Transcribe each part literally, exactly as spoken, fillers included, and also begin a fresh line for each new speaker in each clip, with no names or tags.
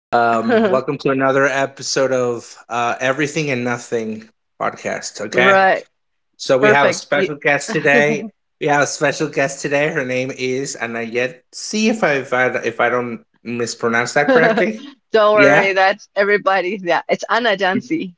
Um, welcome to another episode of uh, Everything and Nothing podcast. Okay,
Right.
so we have a
Perfect. Y-
special guest today. We have a special guest today. Her name is Anayet. See if I if I, if I don't mispronounce that correctly.
Don't
Yeah,
worry, that's everybody. Yeah, it's Anna Jansi.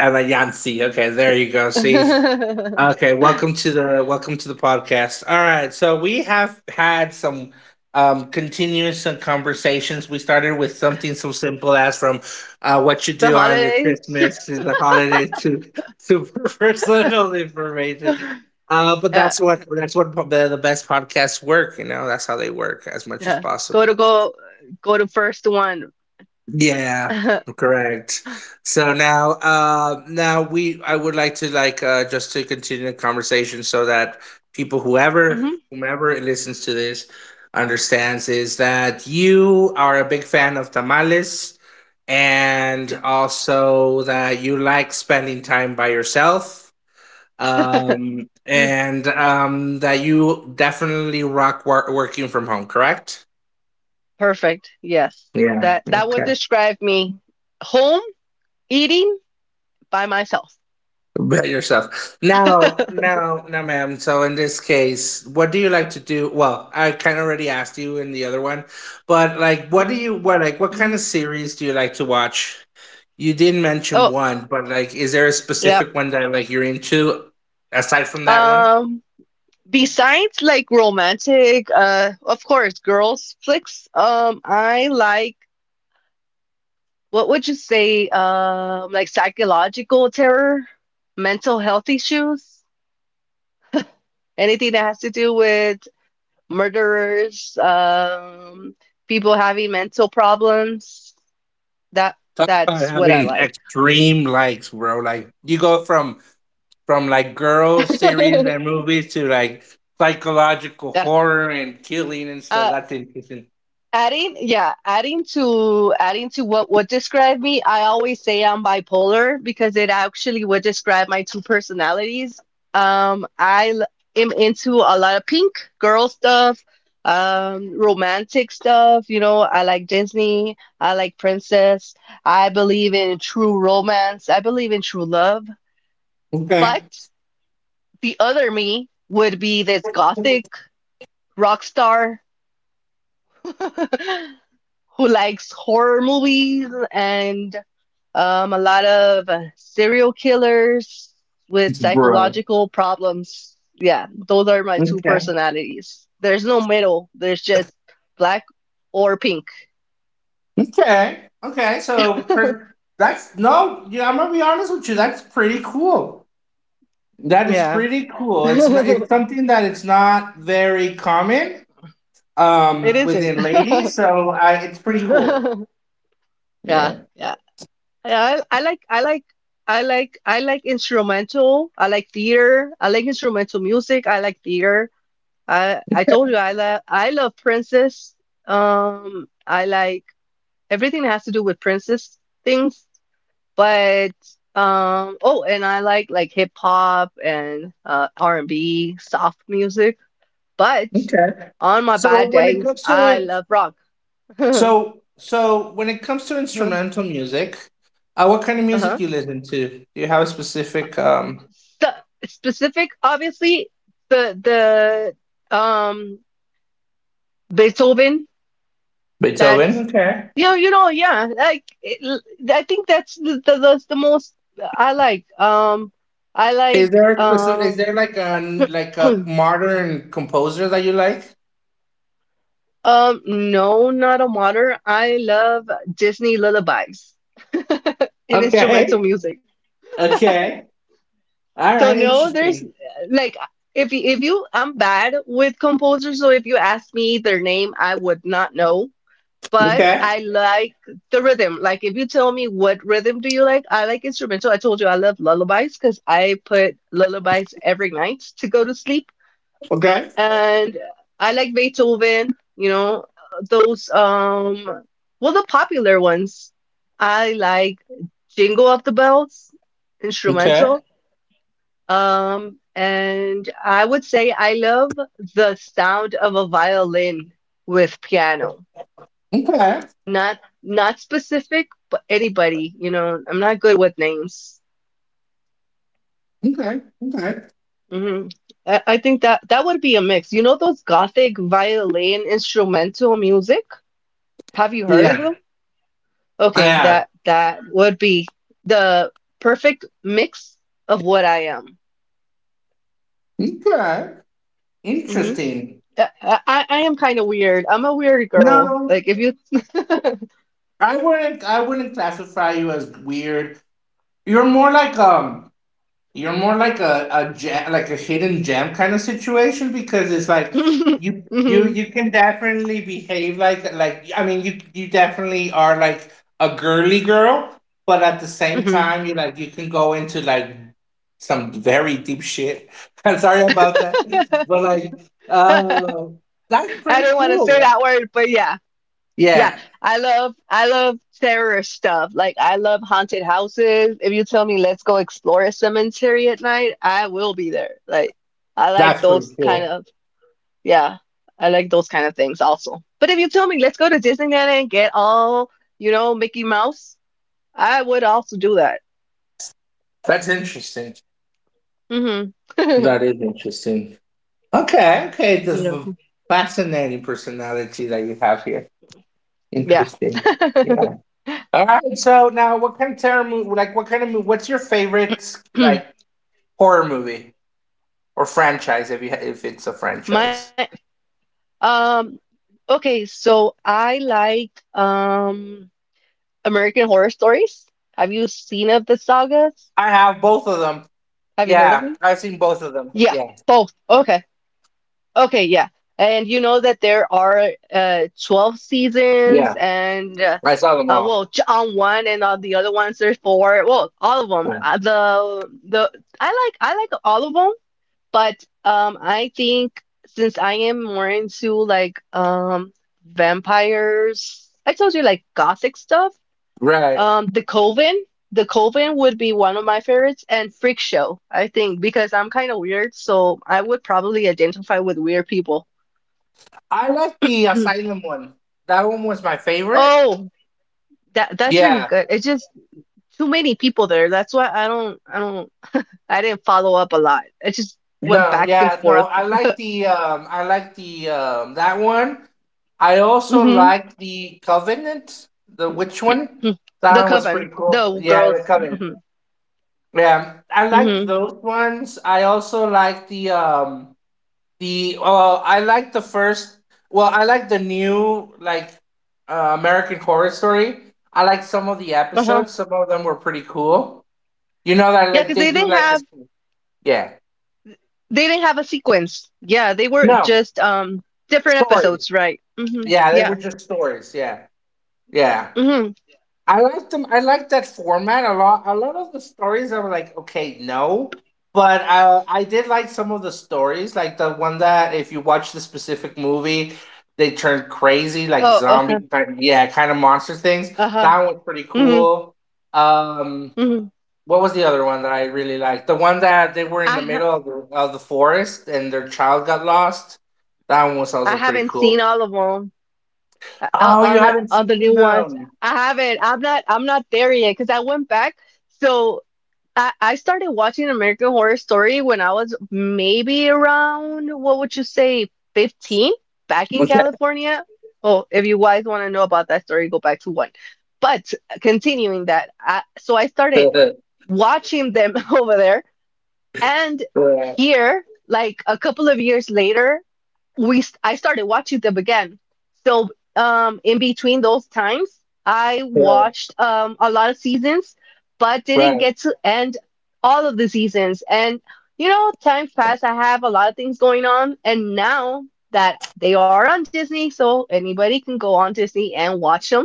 Anayansi. Okay, there you go. See,
The
okay, welcome to the welcome to the podcast. All right, so we have had some um continuous uh, conversations. We started with something so simple as from uh what you do on your
holidays.
Christmas to the holidays to super personal information. Uh but
Yeah,
that's what that's what po- the, the best podcasts work, you know. That's how they work as much as
yeah. Go to
possible.
go go to first one.
Yeah, correct. So now, uh, now we, I would like to like uh, just to continue the conversation so that people, whoever,
Mhm.
whomever listens to this, understands is that you are a big fan of tamales, and also that you like spending time by yourself, um, and um, that you definitely rock wor- working from home. Correct?
Perfect. Yes.
Yeah.
That that would
Okay.
describe me. Home, eating by myself.
By yourself. Now,
Mhm,
now, now, ma'am. So in this case, what do you like to do? Well, I kind of already asked you in the other one, but like, what do you what like what kind
mhm.
of series do you like to watch? You did mention
Oh,
one, but like, is there a
yeah.
specific one that like you're into aside from that one?
Um, Besides, like, romantic, uh of course, girls flicks, um I like, what would you say, um like psychological terror, mental health issues, anything that has to do with murderers, um people having mental problems, that
Talk about
that's what I
having
like.
extreme likes, bro. Like you go from from like girl series and movies to like psychological
Yeah.
horror and killing and stuff.
uh
That's interesting.
Adding, yeah, adding to adding to what would describe me, I always say I'm bipolar because it actually would describe my two personalities. Um, I l- am into a lot of pink girl stuff, um, romantic stuff. You know, I like Disney, I like princess. I believe in true romance. I believe in true love.
Okay.
But the other me would be this gothic rock star. Who likes horror movies and, um, a lot of uh, serial killers with
Bro.
psychological problems. Yeah, those are my two
Okay.
personalities. There's no middle, there's just black or pink.
Okay. Okay. So per- that's no. Yeah, I'm gonna be honest with you. That's pretty cool. That is
Yeah.
pretty cool. It's not. It's
It
something that it's not very common um
isn't.
within ladies. So I. It's pretty cool.
Yeah, yeah.
Yeah.
Yeah, I, I like I like I like I like instrumental. I like theater. I like instrumental music. I like theater. I I told you I love, I love princess. Um, I like everything that has to do with princess things, but, um, oh, and I like like hip hop and uh R and B, soft music. But
Okay.
on my
So
bad
when it
days,
comes to
I
it,
love rock.
so so when it comes to instrumental music, uh, what kind of
Uh-huh.
music you listen to? Do you have a specific um
So, specific, obviously, the the um Beethoven.
Beethoven?
That's,
Okay.
yeah, you know, yeah. Like it, I think that's the, the that's the most I like. Um, I
Is
like
there a specific? Is
um
there like a like a modern composer that you like?
um no, not a modern. I love Disney lullabies and instrumental
Okay.
music.
Okay. All
So
right.
no, there's
Interesting.
like, if you, if you, I'm bad with composers, so if you ask me their name, I would not know. But
Okay.
I like the rhythm. Like, if you tell me what rhythm do you like, I like instrumental. I told you I love lullabies because I put lullabies every night to go to sleep.
Okay.
And I like Beethoven, you know, those, um well, the popular ones. I like Jingle of the Bells,
Okay.
instrumental. Um and I would say I love the sound of a violin with piano.
Okay.
Not, not specific, but anybody, you know, I'm not good with names.
Okay. Okay.
Hmm. I, I think that that would be a mix. You know those gothic violin instrumental music? Have you heard of
Yeah.
them?
I
Okay,
have.
that that would be the perfect mix of what I am.
Okay.
Hmm.
Interesting.
I, I, I am kind of weird. I'm a weird girl.
No,
Like, if you
I wouldn't. I wouldn't classify you as weird. You're more like um you're more like a, a jam, like a hidden gem kind of situation because it's like
hmm
you you you can definitely behave like like I mean you you definitely are like a girly girl, but at the same
hmm
time you like you can go into like some very deep shit. I'm sorry about that, but like uh, that's
I
pretty
didn't want to say
cool.
that word, but yeah. Yeah,
Yeah,
I love, I love terror stuff. Like I love haunted houses. If you tell me let's go explore a cemetery at night, I will be there. Like, I like
that's pretty
those kind
cool.
of, yeah, I like those kind of things also. But if you tell me let's go to Disneyland and get all, you know, Mickey Mouse, I would also do that.
That's interesting.
Hmm.
That is interesting. Okay, okay. This is a fascinating personality that you have here.
Yeah. Yeah.
Interesting. Yeah. All right. So now, what kind of terror movie? Like, what kind of movie? What's your favorite like horror movie or franchise? If you ha- If it's a franchise,
My, um okay, so I like, um American Horror Stories? Have you seen of the sagas?
I have both of them.
Have you heard of
Yeah,
them?
I've seen both of them.
Yeah,
Yeah,
both. Okay. Okay, yeah. And you know that there are uh twelve
yeah.
seasons and, uh,
I saw them
uh
all.
well, j- on one and on the other ones there's four. Well, all of them.
Right.
Uh, the the I like, I like all of them, but, um I think, since I am more into like, um vampires, I told you, like, gothic stuff.
Right.
Um, the Coven, the Coven would be one of my favorites, and Freak Show, I think, because I'm kind of weird, so I would probably identify with weird people.
I like the Asylum one. That one was my favorite.
Oh, that that's really
Yeah.
good. It's just too many people there. That's why I don't, I don't, I didn't follow up a lot. It just went
No,
back and
yeah, no.
forth.
I like the um I like the um that one. I also
Hmm.
like the Covenant, the Witch one.
The
That
Coven,
one was pretty
the
cool.
girls.
Yeah, the
Hmm
Covenant. Yeah, I like
hmm.
those ones. I also like the um the uh I like the first. Well, I like the new like uh, American Horror Story. I like some of the
Uh-huh.
episodes. Some of them were pretty cool. You know that
Yeah,
like
because
they
they
do
didn't
like a
have
yeah
they didn't have a sequence. Yeah, they were
no
just, um different
stories.
episodes, right? Hmm.
Yeah, they were
Yeah.
just stories. Yeah, yeah.
Hmm.
I liked them. I liked that format a lot. A lot of the stories, I was like, okay, no. But I, I did like some of the stories, like the one that if you watch the specific movie, they turn crazy, like
Oh, okay.
zombie, type- yeah, kind of monster things.
Uh-huh.
That one was pretty
Hmm
cool. Um,
hmm.
what was the other one that I really liked? The one that they were in
I
the
ha
middle of the, of the forest and their child got lost. That one was
I
also pretty
haven't seen
cool.
all of them. Uh,
Oh, you
on the,
haven't
on the
seen
new ones.
them.
I haven't. I'm not I'm not there yet because I went back. So I I started watching American Horror Story when I was maybe around, what would you say, fifteen, back in
Okay.
California. Oh, if you guys want to know about that story, go back to one. But continuing that, I, so I started watching them over there. And
Right.
here, like a couple of years later, we st- I started watching them again. So, um, in between those times, I watched, um, a lot of seasons, but didn't
Right.
get to end all of the seasons. And, you know, time passed. I have a lot of things going on, and now that they are on Disney, so anybody can go on Disney and watch them,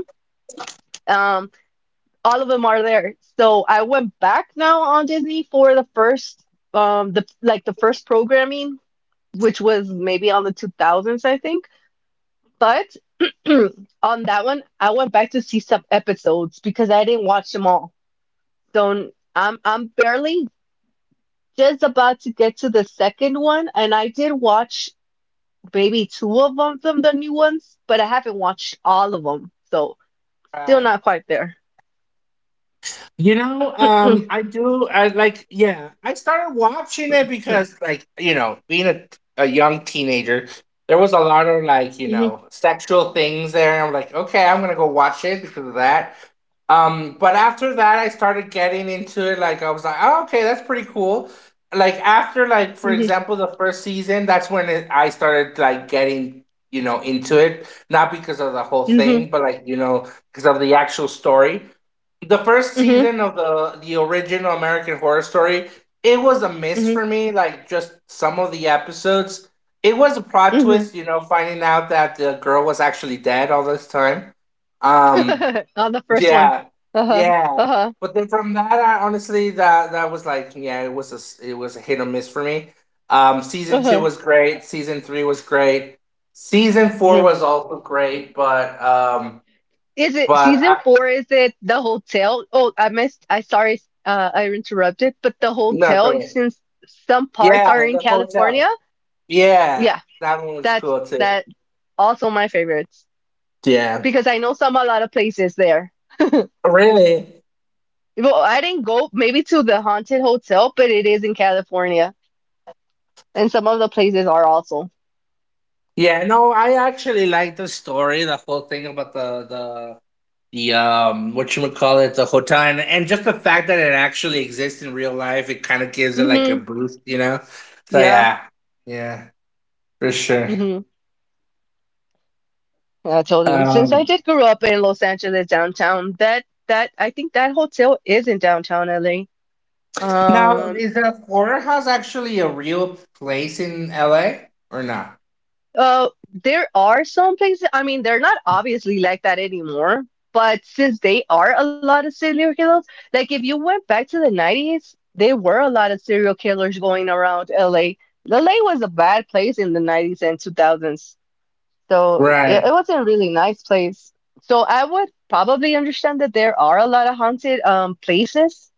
all of them are there. So I went back now on Disney for the first, um the like the first programming, which was maybe on the two thousands, I think. But on that one, I went back to see some episodes because I didn't watch them all. So I'm I'm barely just about to get to the second one, and I did watch maybe two of them, them the new ones, but I haven't watched all of them. So still
Right.
not quite there.
You know,
hmm
um, I do. I like, yeah, I started watching it because, like, you know, being a, a young teenager, there was a lot of like, you know, sexual things there. And I'm like, okay, I'm gonna go watch it because of that. Um, but after that, I started getting into it. Like, I was like, oh, okay, that's pretty cool. Like after, like for
hmm
example, the first season, that's when it, I started like getting, you know, into it. Not because of the whole
hmm
thing, but like you know, because of the actual story the first season of the the original American Horror Story, it was a miss
hmm
for me. Like just some of the episodes, it was a plot
hmm
twist. You know, finding out that the girl was actually dead all this time. Um,
On the first one.
yeah,
Uh-huh.
yeah.
Uh-huh.
But then from that, I honestly that that was like yeah, it was a s- it was a hit or miss for me. Um, season two
Uh-huh.
was great. Season three was great. Season four
Mm.
was also great, but um,
Is it
but
season
I,
four? Is it the hotel? Oh, I missed. I sorry, uh, I interrupted. But the
no,
hotel,
sorry.
since some parts are
Yeah,
in
the hotel.
California,
Yeah,
yeah,
that one was
that's
cool too.
that also my favorites
Yeah,
because I know some, a lot of places there.
really.
Well, I didn't go maybe to the haunted hotel, but it is in California, and some of the places are also.
Yeah, no, I actually like the story, the whole thing about the the the um what you would call it, the hotel, and, and just the fact that it actually exists in real life, it kind of gives it like a
Mm-hmm.
boost, you know. So
Yeah.
yeah, yeah, for sure.
Mm-hmm. I told you, since I
Um,
did grow up in Los Angeles downtown, that that I think that hotel is in downtown L A.
now
Um,
is the horror house actually a real place in L A or not?
uh, there are some places, I mean, they're not obviously like that anymore, but since they are a lot of serial killers, like if you went back to the nineties, there were a lot of serial killers going around L A. L A was a bad place in the nineties and two thousands. So it, it
Right.
was a really nice place. So I would probably understand that there are a lot of haunted, um places,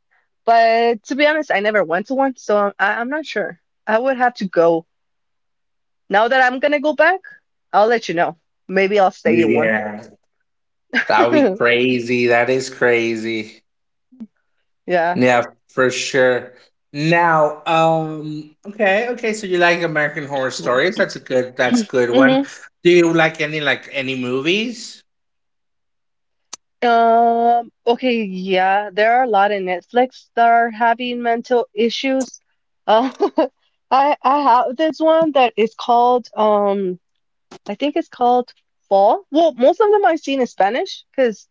but to be honest, I never went to one, so I'm, I, I'm not sure. I would have to go. Now that I'm gonna go back, I'll let you know. Maybe I'll stay in one.
Yeah. That would be crazy. That is crazy.
Yeah.
Yeah, for sure. Now, um, okay, okay. So you like American Horror Stories? That's a good. That's a good one.
Mm-hmm.
Do you like any like any movies?
Um, okay, yeah, there are a lot of Netflix that are having mental issues. Uh, I I have this one that is called, um I think it's called Fall. Well, most of them I've seen in Spanish because,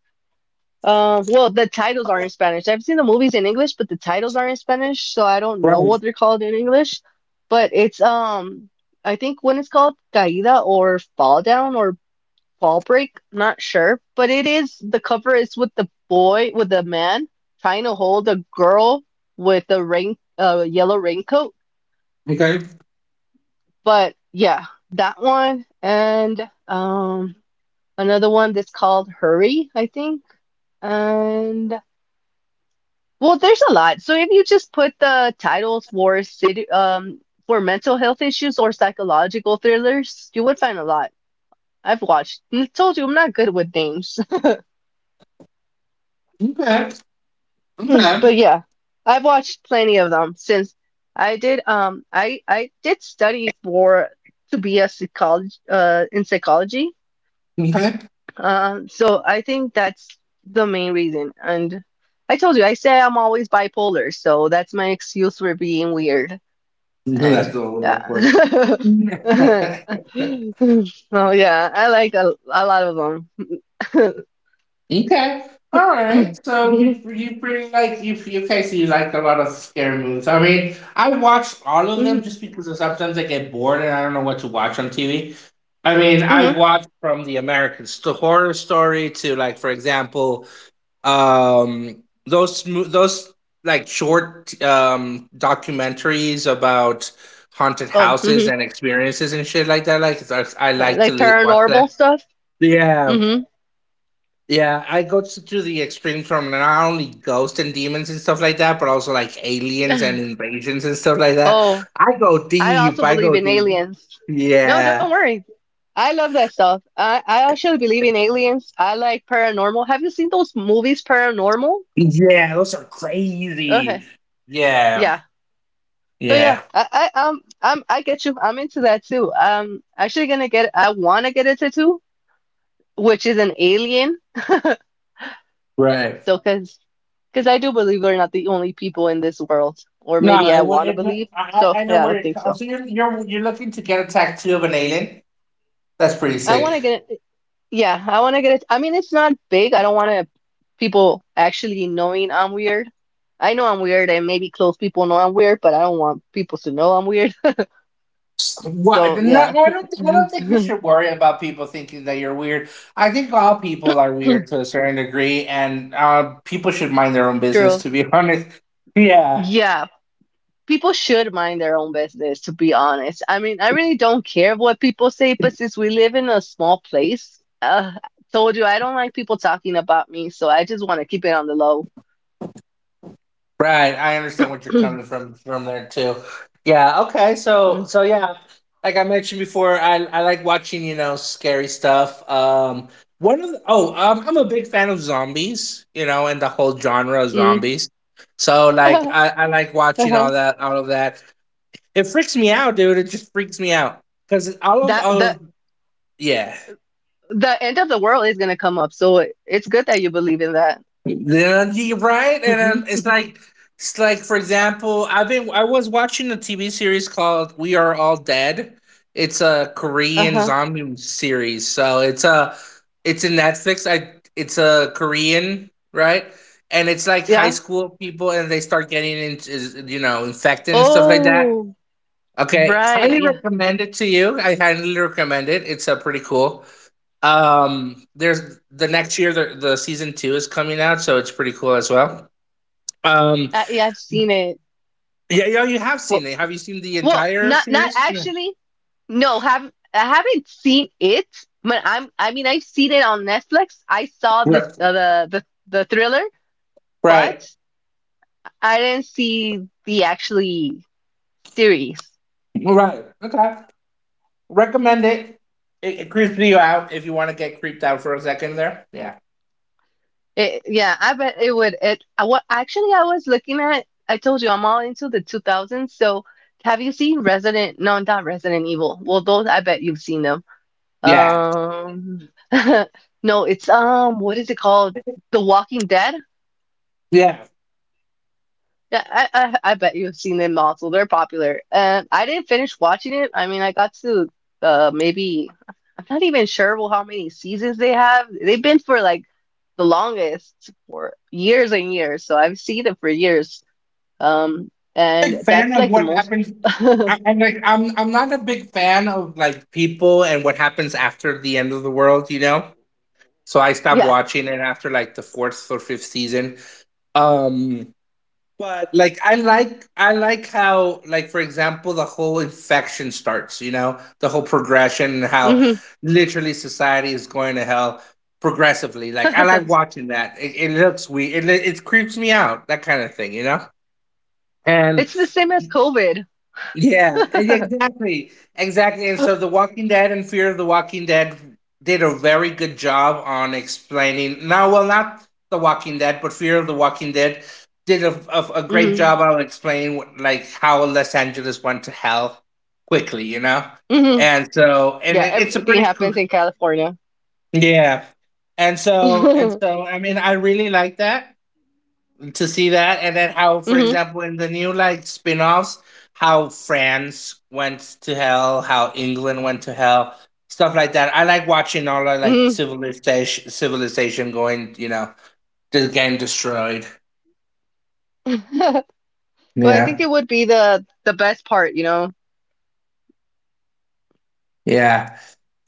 um, well, the titles are in Spanish. I've seen the movies in English, but the titles are in Spanish, so I don't know what
Right.
they're called in English. But it's, um, I think when it's called Caída or Fall Down or Fall Break, I'm not sure. But it is, the cover is with the boy with the man trying to hold a girl with a rain, uh, yellow raincoat.
Okay.
But yeah, that one and, um. another one that's called Hurry, I think. And, well, there's a lot. So if you just put the titles for city, um, for mental health issues or psychological thrillers, you would find a lot. I've watched. I told you I'm not good with names,
Okay. Okay.
but yeah, I've watched plenty of them since I did. Um, I I did study for to be a psychology uh in psychology.
Okay.
Um, so I think that's the main reason. And I told you, I say I'm always bipolar, so that's my excuse for being weird. And
That's a little awkward.
yeah. Oh, yeah, I like a, a lot of them.
Okay. All right. So you you pretty like you you- okay? So you like a lot of scary movies. I mean, I watched all of them
hmm
just because sometimes I get bored and I don't know what to watch on T V. I mean, I've
hmm
watched from the American Sto- Horror Story to like, for example, um, those mo- those like short um, documentaries about haunted
Oh,
houses
hmm
and experiences and shit like that. Like, it's- I, I like to
Like
li- watch
paranormal
that.
stuff?
Yeah,
Hmm
yeah, I go to, to the extreme from not only ghosts and demons and stuff like that, but also like aliens and invasions and stuff like that.
Oh,
I go
I
deep.
also
I
believe
go
in
deep.
aliens. No, don't
Yeah.
worry. I love that stuff. I, I actually believe in aliens. I like paranormal. Have you seen those movies, Paranormal?
Yeah, those are crazy.
Okay.
Yeah.
Yeah. So yeah,
Yeah.
I, I um I'm I get you. I'm into that too. Um actually gonna get, I wanna get a tattoo, which is an alien.
Right.
So, cause cause I do believe we're not the only people in this world. Or
No,
maybe
I
I
would.
wanna
It,
believe.
I
So
I I know
yeah, I
where
don't
it
think
comes.
so.
So you're you're you're looking to get attacked too of an alien. That's pretty
I
sick.
wanna get Yeah, I want to get it. I mean, it's not big. I don't want to, people actually knowing I'm weird. I know I'm weird, and maybe close people know I'm weird, but I don't want people to know I'm weird.
What?
So,
No, I
yeah.
don't. thi- I don't think you should worry about people thinking that you're weird. I think all people are weird to a certain degree, and uh, people should mind their own business.
True.
To be honest. Yeah.
Yeah, people should mind their own business, to be honest. I mean, I really don't care what people say, but since we live in a small place, uh, told you I don't like people talking about me, so I just want to keep it on the low.
Right. I understand what you're coming from from there too. Yeah. Okay. So
Mm.
so yeah, like I mentioned before, I I like watching you know scary stuff. Um. One of the, oh um, I'm a big fan of zombies. You know, and the whole genre of zombies. So like I I like watching
Uh-huh.
all that all of that. It freaks me out, dude. It just freaks me out because all of
That
all
that
of yeah,
the end of the world is gonna come up, so it, it's good that you believe in that.
you're right, and then
Mhm.
it's like it's like for example, I've been I was watching a T V series called We Are All Dead. It's a Korean
Uh-huh.
zombie series, so it's a it's in Netflix. I it's a Korean right, and it's like high
Yeah.
school people, and they start getting into you know infected and stuff like that.
Oh,
Okay,
right.
highly
Yeah.
recommend it to you. I highly recommend it. It's uh, pretty cool. Um, there's the next year the, the season two is coming out, so it's pretty cool as well. Um,
I, yeah, I've seen it.
yeah, yeah, you have seen
Well,
it. Have you seen the
well,
entire
not not
series? Yeah.
actually. No, have I haven't seen it, but I'm I mean I've seen it on Netflix. I saw the
Right,
uh, the the, the thriller, but
right,
I didn't see the actually series.
right. Okay, recommend it. It, it creeps you out if you want to get creeped out for a second there. Yeah,
It, yeah, I bet it would. It I, wa- actually I was looking at. I told you I'm all into the two thousands. So have you seen Resident? No, not Resident Evil. Well, those I bet you've seen them.
yeah,
Um, no, it's um, what is it called? The Walking Dead.
yeah.
Yeah, I, I I bet you've seen them also. They're popular. Um, I didn't finish watching it. I mean, I got to uh maybe I'm not even sure well, how many seasons they have. They've been for like the longest for years and years. So I've seen it for years. Um, and
Big fan
that's
of
like the
what
most.
happens. I, I'm like, I'm, I'm not a big fan of like people and what happens after the end of the world. You know, so I stopped
Yeah.
watching it after like the fourth or fifth season. Um, but like I like I like how like for example the whole infection starts you know the whole progression and how
hmm
literally society is going to hell progressively like I like watching that it, it looks weird it, it creeps me out that kind of thing you know and
It's the same as COVID.
yeah, e- exactly. Exactly. And so The Walking Dead and Fear of the Walking Dead did a very good job on explaining. Now, well, not The Walking Dead, but Fear of the Walking Dead did a, a, a great job
hmm
on explaining what, like how Los Angeles went to hell quickly, you know?
hmm
And so, and
Yeah,
it, it's a
everything
pretty cool.
happens in California.
Yeah. And so, and
hmm
so, I mean, I really like that, to see that, and then how, for example, in the new like spin-offs, how France went to hell, how England went to hell, stuff like that. I like watching all the like
hmm
civilization civilization going, you know, just getting destroyed.
Well, I think
Yeah.
it would be the the best part, you know.
Yeah,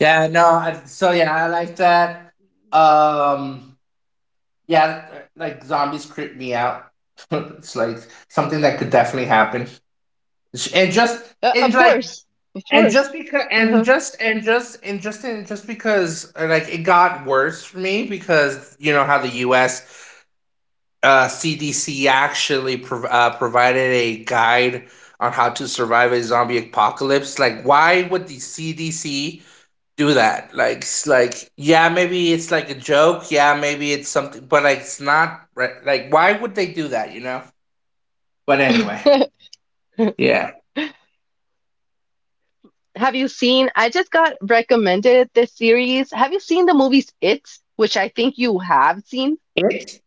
yeah, no, I, so yeah, I like that. um yeah. Like zombies creep me out. It's like something that could definitely happen. And just
Uh,
in
of
like,
course, of
and just
course.
because and
Uh-huh.
just and just and just and just because uh, like it got worse for me because you know how the U S uh, C D C actually prov- uh, provided a guide on how to survive a zombie apocalypse. Like why would the C D C do that? Like s- like, yeah, maybe it's like a joke, yeah, maybe it's something, but like it's not re- like why would they do that, you know? But anyway, yeah.
Have you seen? I just got recommended this series. Have you seen the movies It, which I think you have seen?
it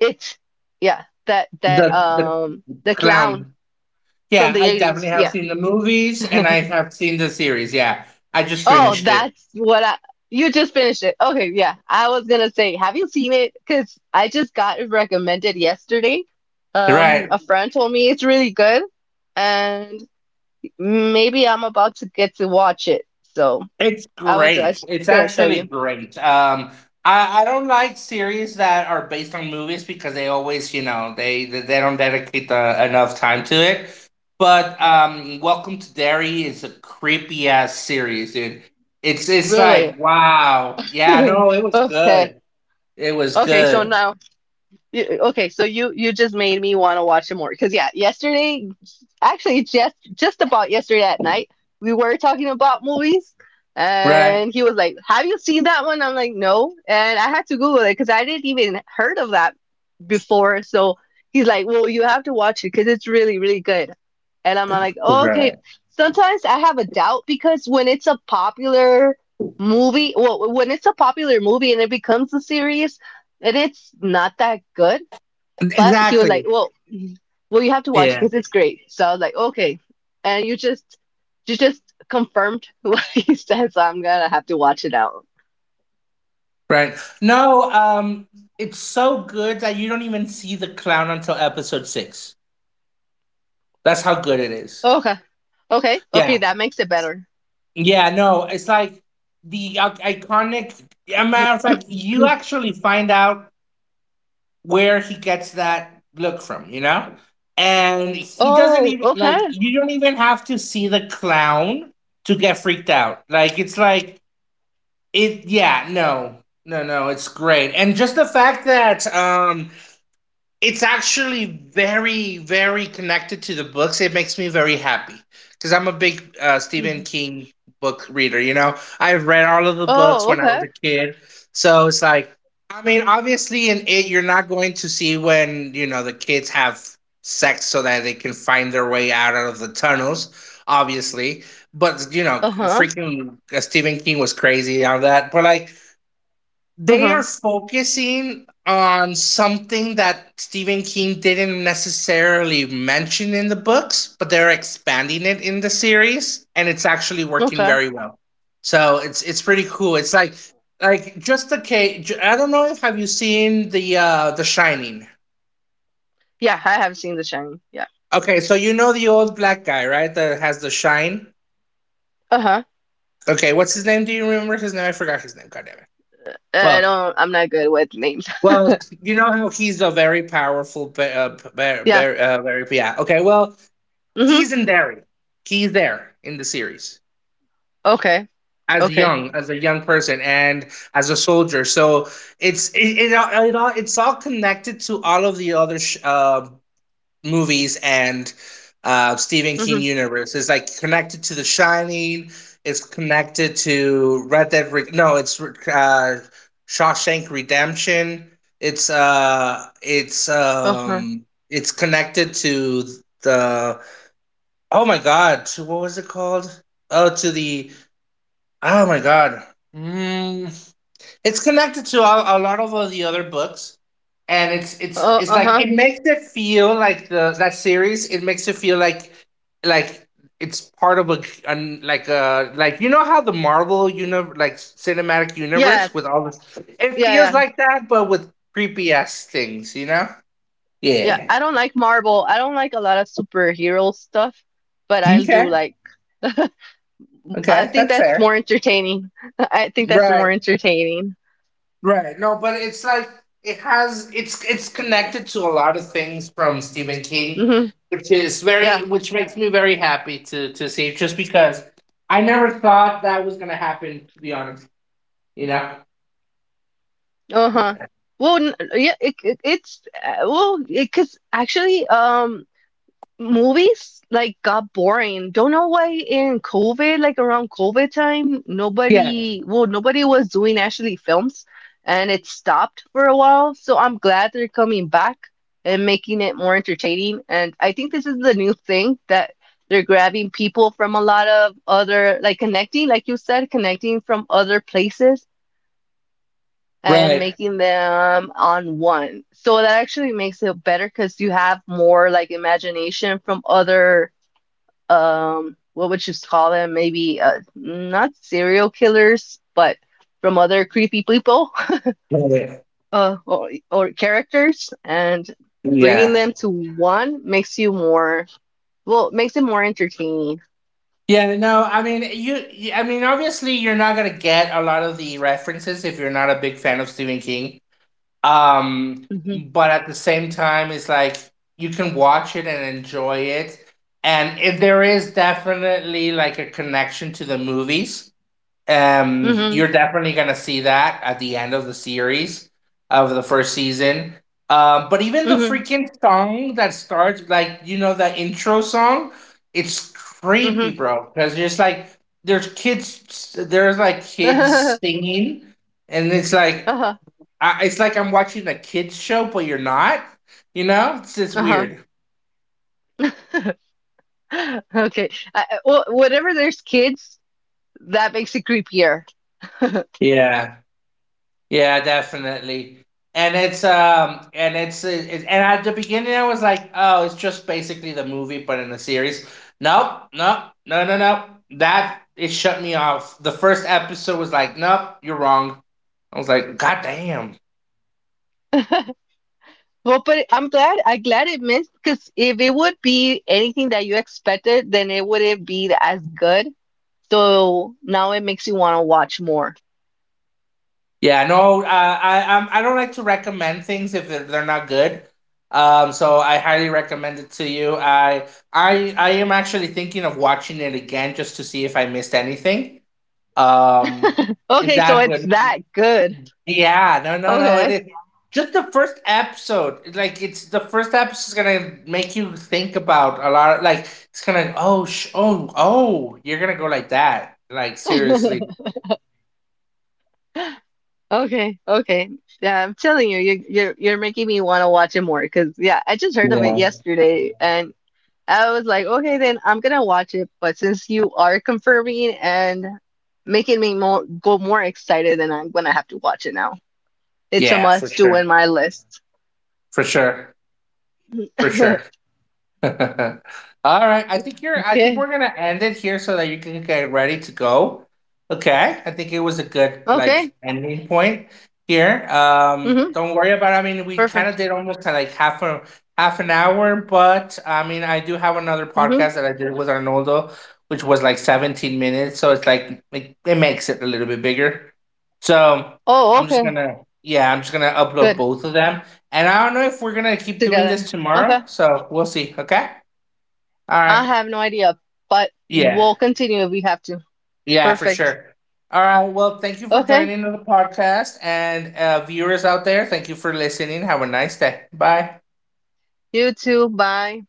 It, yeah, that that
the the
um the clown
clown.
from
Yeah,
the
I definitely
eighties.
have
Yeah.
seen the movies and I have seen the series. Yeah, I just
Oh,
finished it.
that's what I. You just finished it. Okay, yeah. I was gonna say, have you seen it? Because I just got it recommended yesterday. Um,
Right.
a friend told me it's really good, and maybe I'm about to get to watch it. So
It's
I was
great.
actually
It's
gonna tell
actually
you.
great. Um, I, I don't like series that are based on movies because they always, you know, they they they don't dedicate the, enough time to it. But um, Welcome to Derry is a creepy ass series, dude. It's it's
Really?
like wow. Yeah, no, it was
Okay.
good. It was
Okay, so
good.
now. You, okay, so you you just made me want to watch it more because yeah, yesterday, actually just just about yesterday at night, we were talking about movies,
Right.
and he was like, "Have you seen that one?" I'm like, "No," and I had to Google it because I didn't even heard of that before. So he's like, "Well, you have to watch it because it's really really good," and I'm like, oh,
Right.
"Okay." Sometimes I have a doubt because when it's a popular movie, well, when it's a popular movie and it becomes a series and it's not that good, but he was like,
Exactly.
well, well, you have to watch it
Yeah.
because it's great. So I was like, okay, and you just you just confirmed what he said, so I'm gonna have to watch it out.
Right. No, um, it's so good that you don't even see the clown until episode six. That's how good it is.
Okay, okay, okay,
Yeah.
that makes it better.
Yeah, no, it's like the i- iconic. A matter of fact, you actually find out where he gets that look from, you know? And he doesn't
Oh,
even, like,
okay.
you don't even have to see the clown to get freaked out. Like, it's like, it, yeah, no, no, no, it's great. And just the fact that, um, it's actually very very connected to the books. It makes me very happy because I'm a big uh, Stephen
Mhm.
King book reader. You know, I've read all of the books
Oh,
when I was
okay.
a kid. So it's like, I mean, obviously in It, you're not going to see, when, you know, the kids have sex so that they can find their way out of the tunnels, obviously. But you know,
Uh-huh.
freaking uh, Stephen King was crazy on that. But like, they
Uh-huh.
are focusing on something that Stephen King didn't necessarily mention in the books, but they're expanding it in the series, and it's actually working
Okay.
very well. So it's it's pretty cool. It's like like just the case, I don't know if, have you seen the uh the Shining?
Yeah, I have seen The Shining. Yeah.
Okay, so you know the old black guy, right? That has the shine.
Uh-huh.
Okay, what's his name? Do you remember his name? I forgot his name. God damn it.
I
Well,
don't, I'm not good with names.
well, you know how he's a very powerful, be- uh, p- bear,
Yeah.
bear, uh, very yeah. Okay, well,
Mm-hmm.
he's in Derry. He's there in the series
Okay.
as
Okay.
young, as a young person, and as a soldier. So it's it, it, all- it all it's all connected to all of the other sh- uh, movies and uh, Stephen King
Mm-hmm.
universe. It's like connected to The Shining. It's connected to Red Dead. Re- no, it's uh, Shawshank Redemption. It's uh, it's
Okay.
um, it's connected to the. Oh my God! To what was it called? Oh, to the. Oh my God. Mm, it's connected to a, a lot of uh, the other books, and it's it's
Oh,
it's like
uh-huh.
it makes it feel like the, that series. It makes it feel like like it's part of a, an, like a, like you know how the Marvel universe, like cinematic
Yeah.
universe with all this. It
Yeah,
feels
yeah.
like that, but with creepy ass things. You know?
Yeah,
Yeah.
I don't like Marvel. I don't like a lot of superhero stuff, but I do
Okay.
like. I
Okay,
think
that's
that's
fair.
more entertaining. I think that's more
Right.
entertaining.
Right. No, but it's like it has it's it's connected to a lot of things from Stephen King,
Hmm
which is very,
Yeah.
which makes me very happy to to see, just because I never thought that was gonna happen, to be honest. You know?
Uh-huh. Well, n- yeah, it, it, it's uh, well, because actually, um. movies like got boring. Don't know why in COVID, like around COVID time,
Yeah.
nobody, well, nobody was doing actually films and it stopped for a while. So I'm glad they're coming back and making it more entertaining. And I think this is the new thing that they're grabbing people from a lot of other, like connecting, like you said, connecting from other places. And
Right.
making them on one. So that actually makes it better because you have more like imagination from other um what would you call them maybe uh not serial killers but from other creepy people
Right.
uh or, or characters and bringing
Yeah.
them to one makes you more well makes it more entertaining
Yeah, no, I mean, you you- I mean, obviously you're not going to get a lot of the references if you're not a big fan of Stephen King. Um,
hmm
but at the same time, it's like you can watch it and enjoy it. And if there is definitely like a connection to the movies, um, you're
hmm
definitely gonna see that at the end of the series of the first season. Um, but even the
hmm
freaking song that starts, like you know, the intro song, it's creepy,
hmm
bro. Because just like there's kids, there's like kids
uh-huh
singing, and it's like, I, it's like I'm watching a kids show, but you're not. You know, it's just
uh-huh
weird.
okay. I, I- well, whenever there's kids that makes it creepier.
Yeah. Yeah, definitely. And it's um and it's, it's, and at the beginning I was like, oh, it's just basically the movie but in a series. Nope, nope, no, no, no. That it shut me off. The first episode was like, nope, you're wrong. I was like, God damn.
Well, but I'm glad. I'm glad it missed because if it would be anything that you expected, then it wouldn't be as good. So now it makes you want to watch more.
Yeah, no, uh, I I'm, I i do not like to recommend things if they're, they're not good. Um, so I highly recommend it to you. I I I am actually thinking of watching it again just to see if I missed anything. Um, is
Okay, so
that
it's
good?
that good.
Yeah, no, no, no. It
Okay.
is just the first episode. Like it's the first episode is gonna make you think about a lot. Like it's gonna, oh sh- oh, oh, you're gonna go like that. Like seriously.
Okay. Okay. Yeah, I'm telling you, you you're you're making me want to watch it more because yeah, I just heard of it
Yeah.
yesterday and I was like, okay, then I'm gonna watch it. But since you are confirming and making me more go more excited, then I'm gonna have to watch it now. It's a
Yeah, for
must do
sure.
in my list.
For sure. For sure. All right. I think you're I think
Okay.
we're gonna end it here so that you can get ready to go. Okay. I think it was a good like
Okay.
ending point here. Um
Mm-hmm.
don't worry about it. I mean we kinda
Perfect.
did almost uh, like half a half an hour, but I mean I do have another
Mm-hmm.
podcast that I did with Arnoldo, which was like seventeen minutes, so it's like it, it makes it a little bit bigger. So
Oh,
I'm just
okay.
gonna, yeah, I'm just gonna upload
Good.
both of them. And I don't know if we're gonna keep doing this
Together.
tomorrow,
Okay.
so we'll see. Okay. All right.
I have no idea, but
Yeah.
we'll continue if we have to.
Yeah, for
Perfect.
sure. All right. Well, thank you for
Okay.
joining the podcast, and uh, viewers out there, thank you for listening. Have a nice day. Bye.
You too. Bye.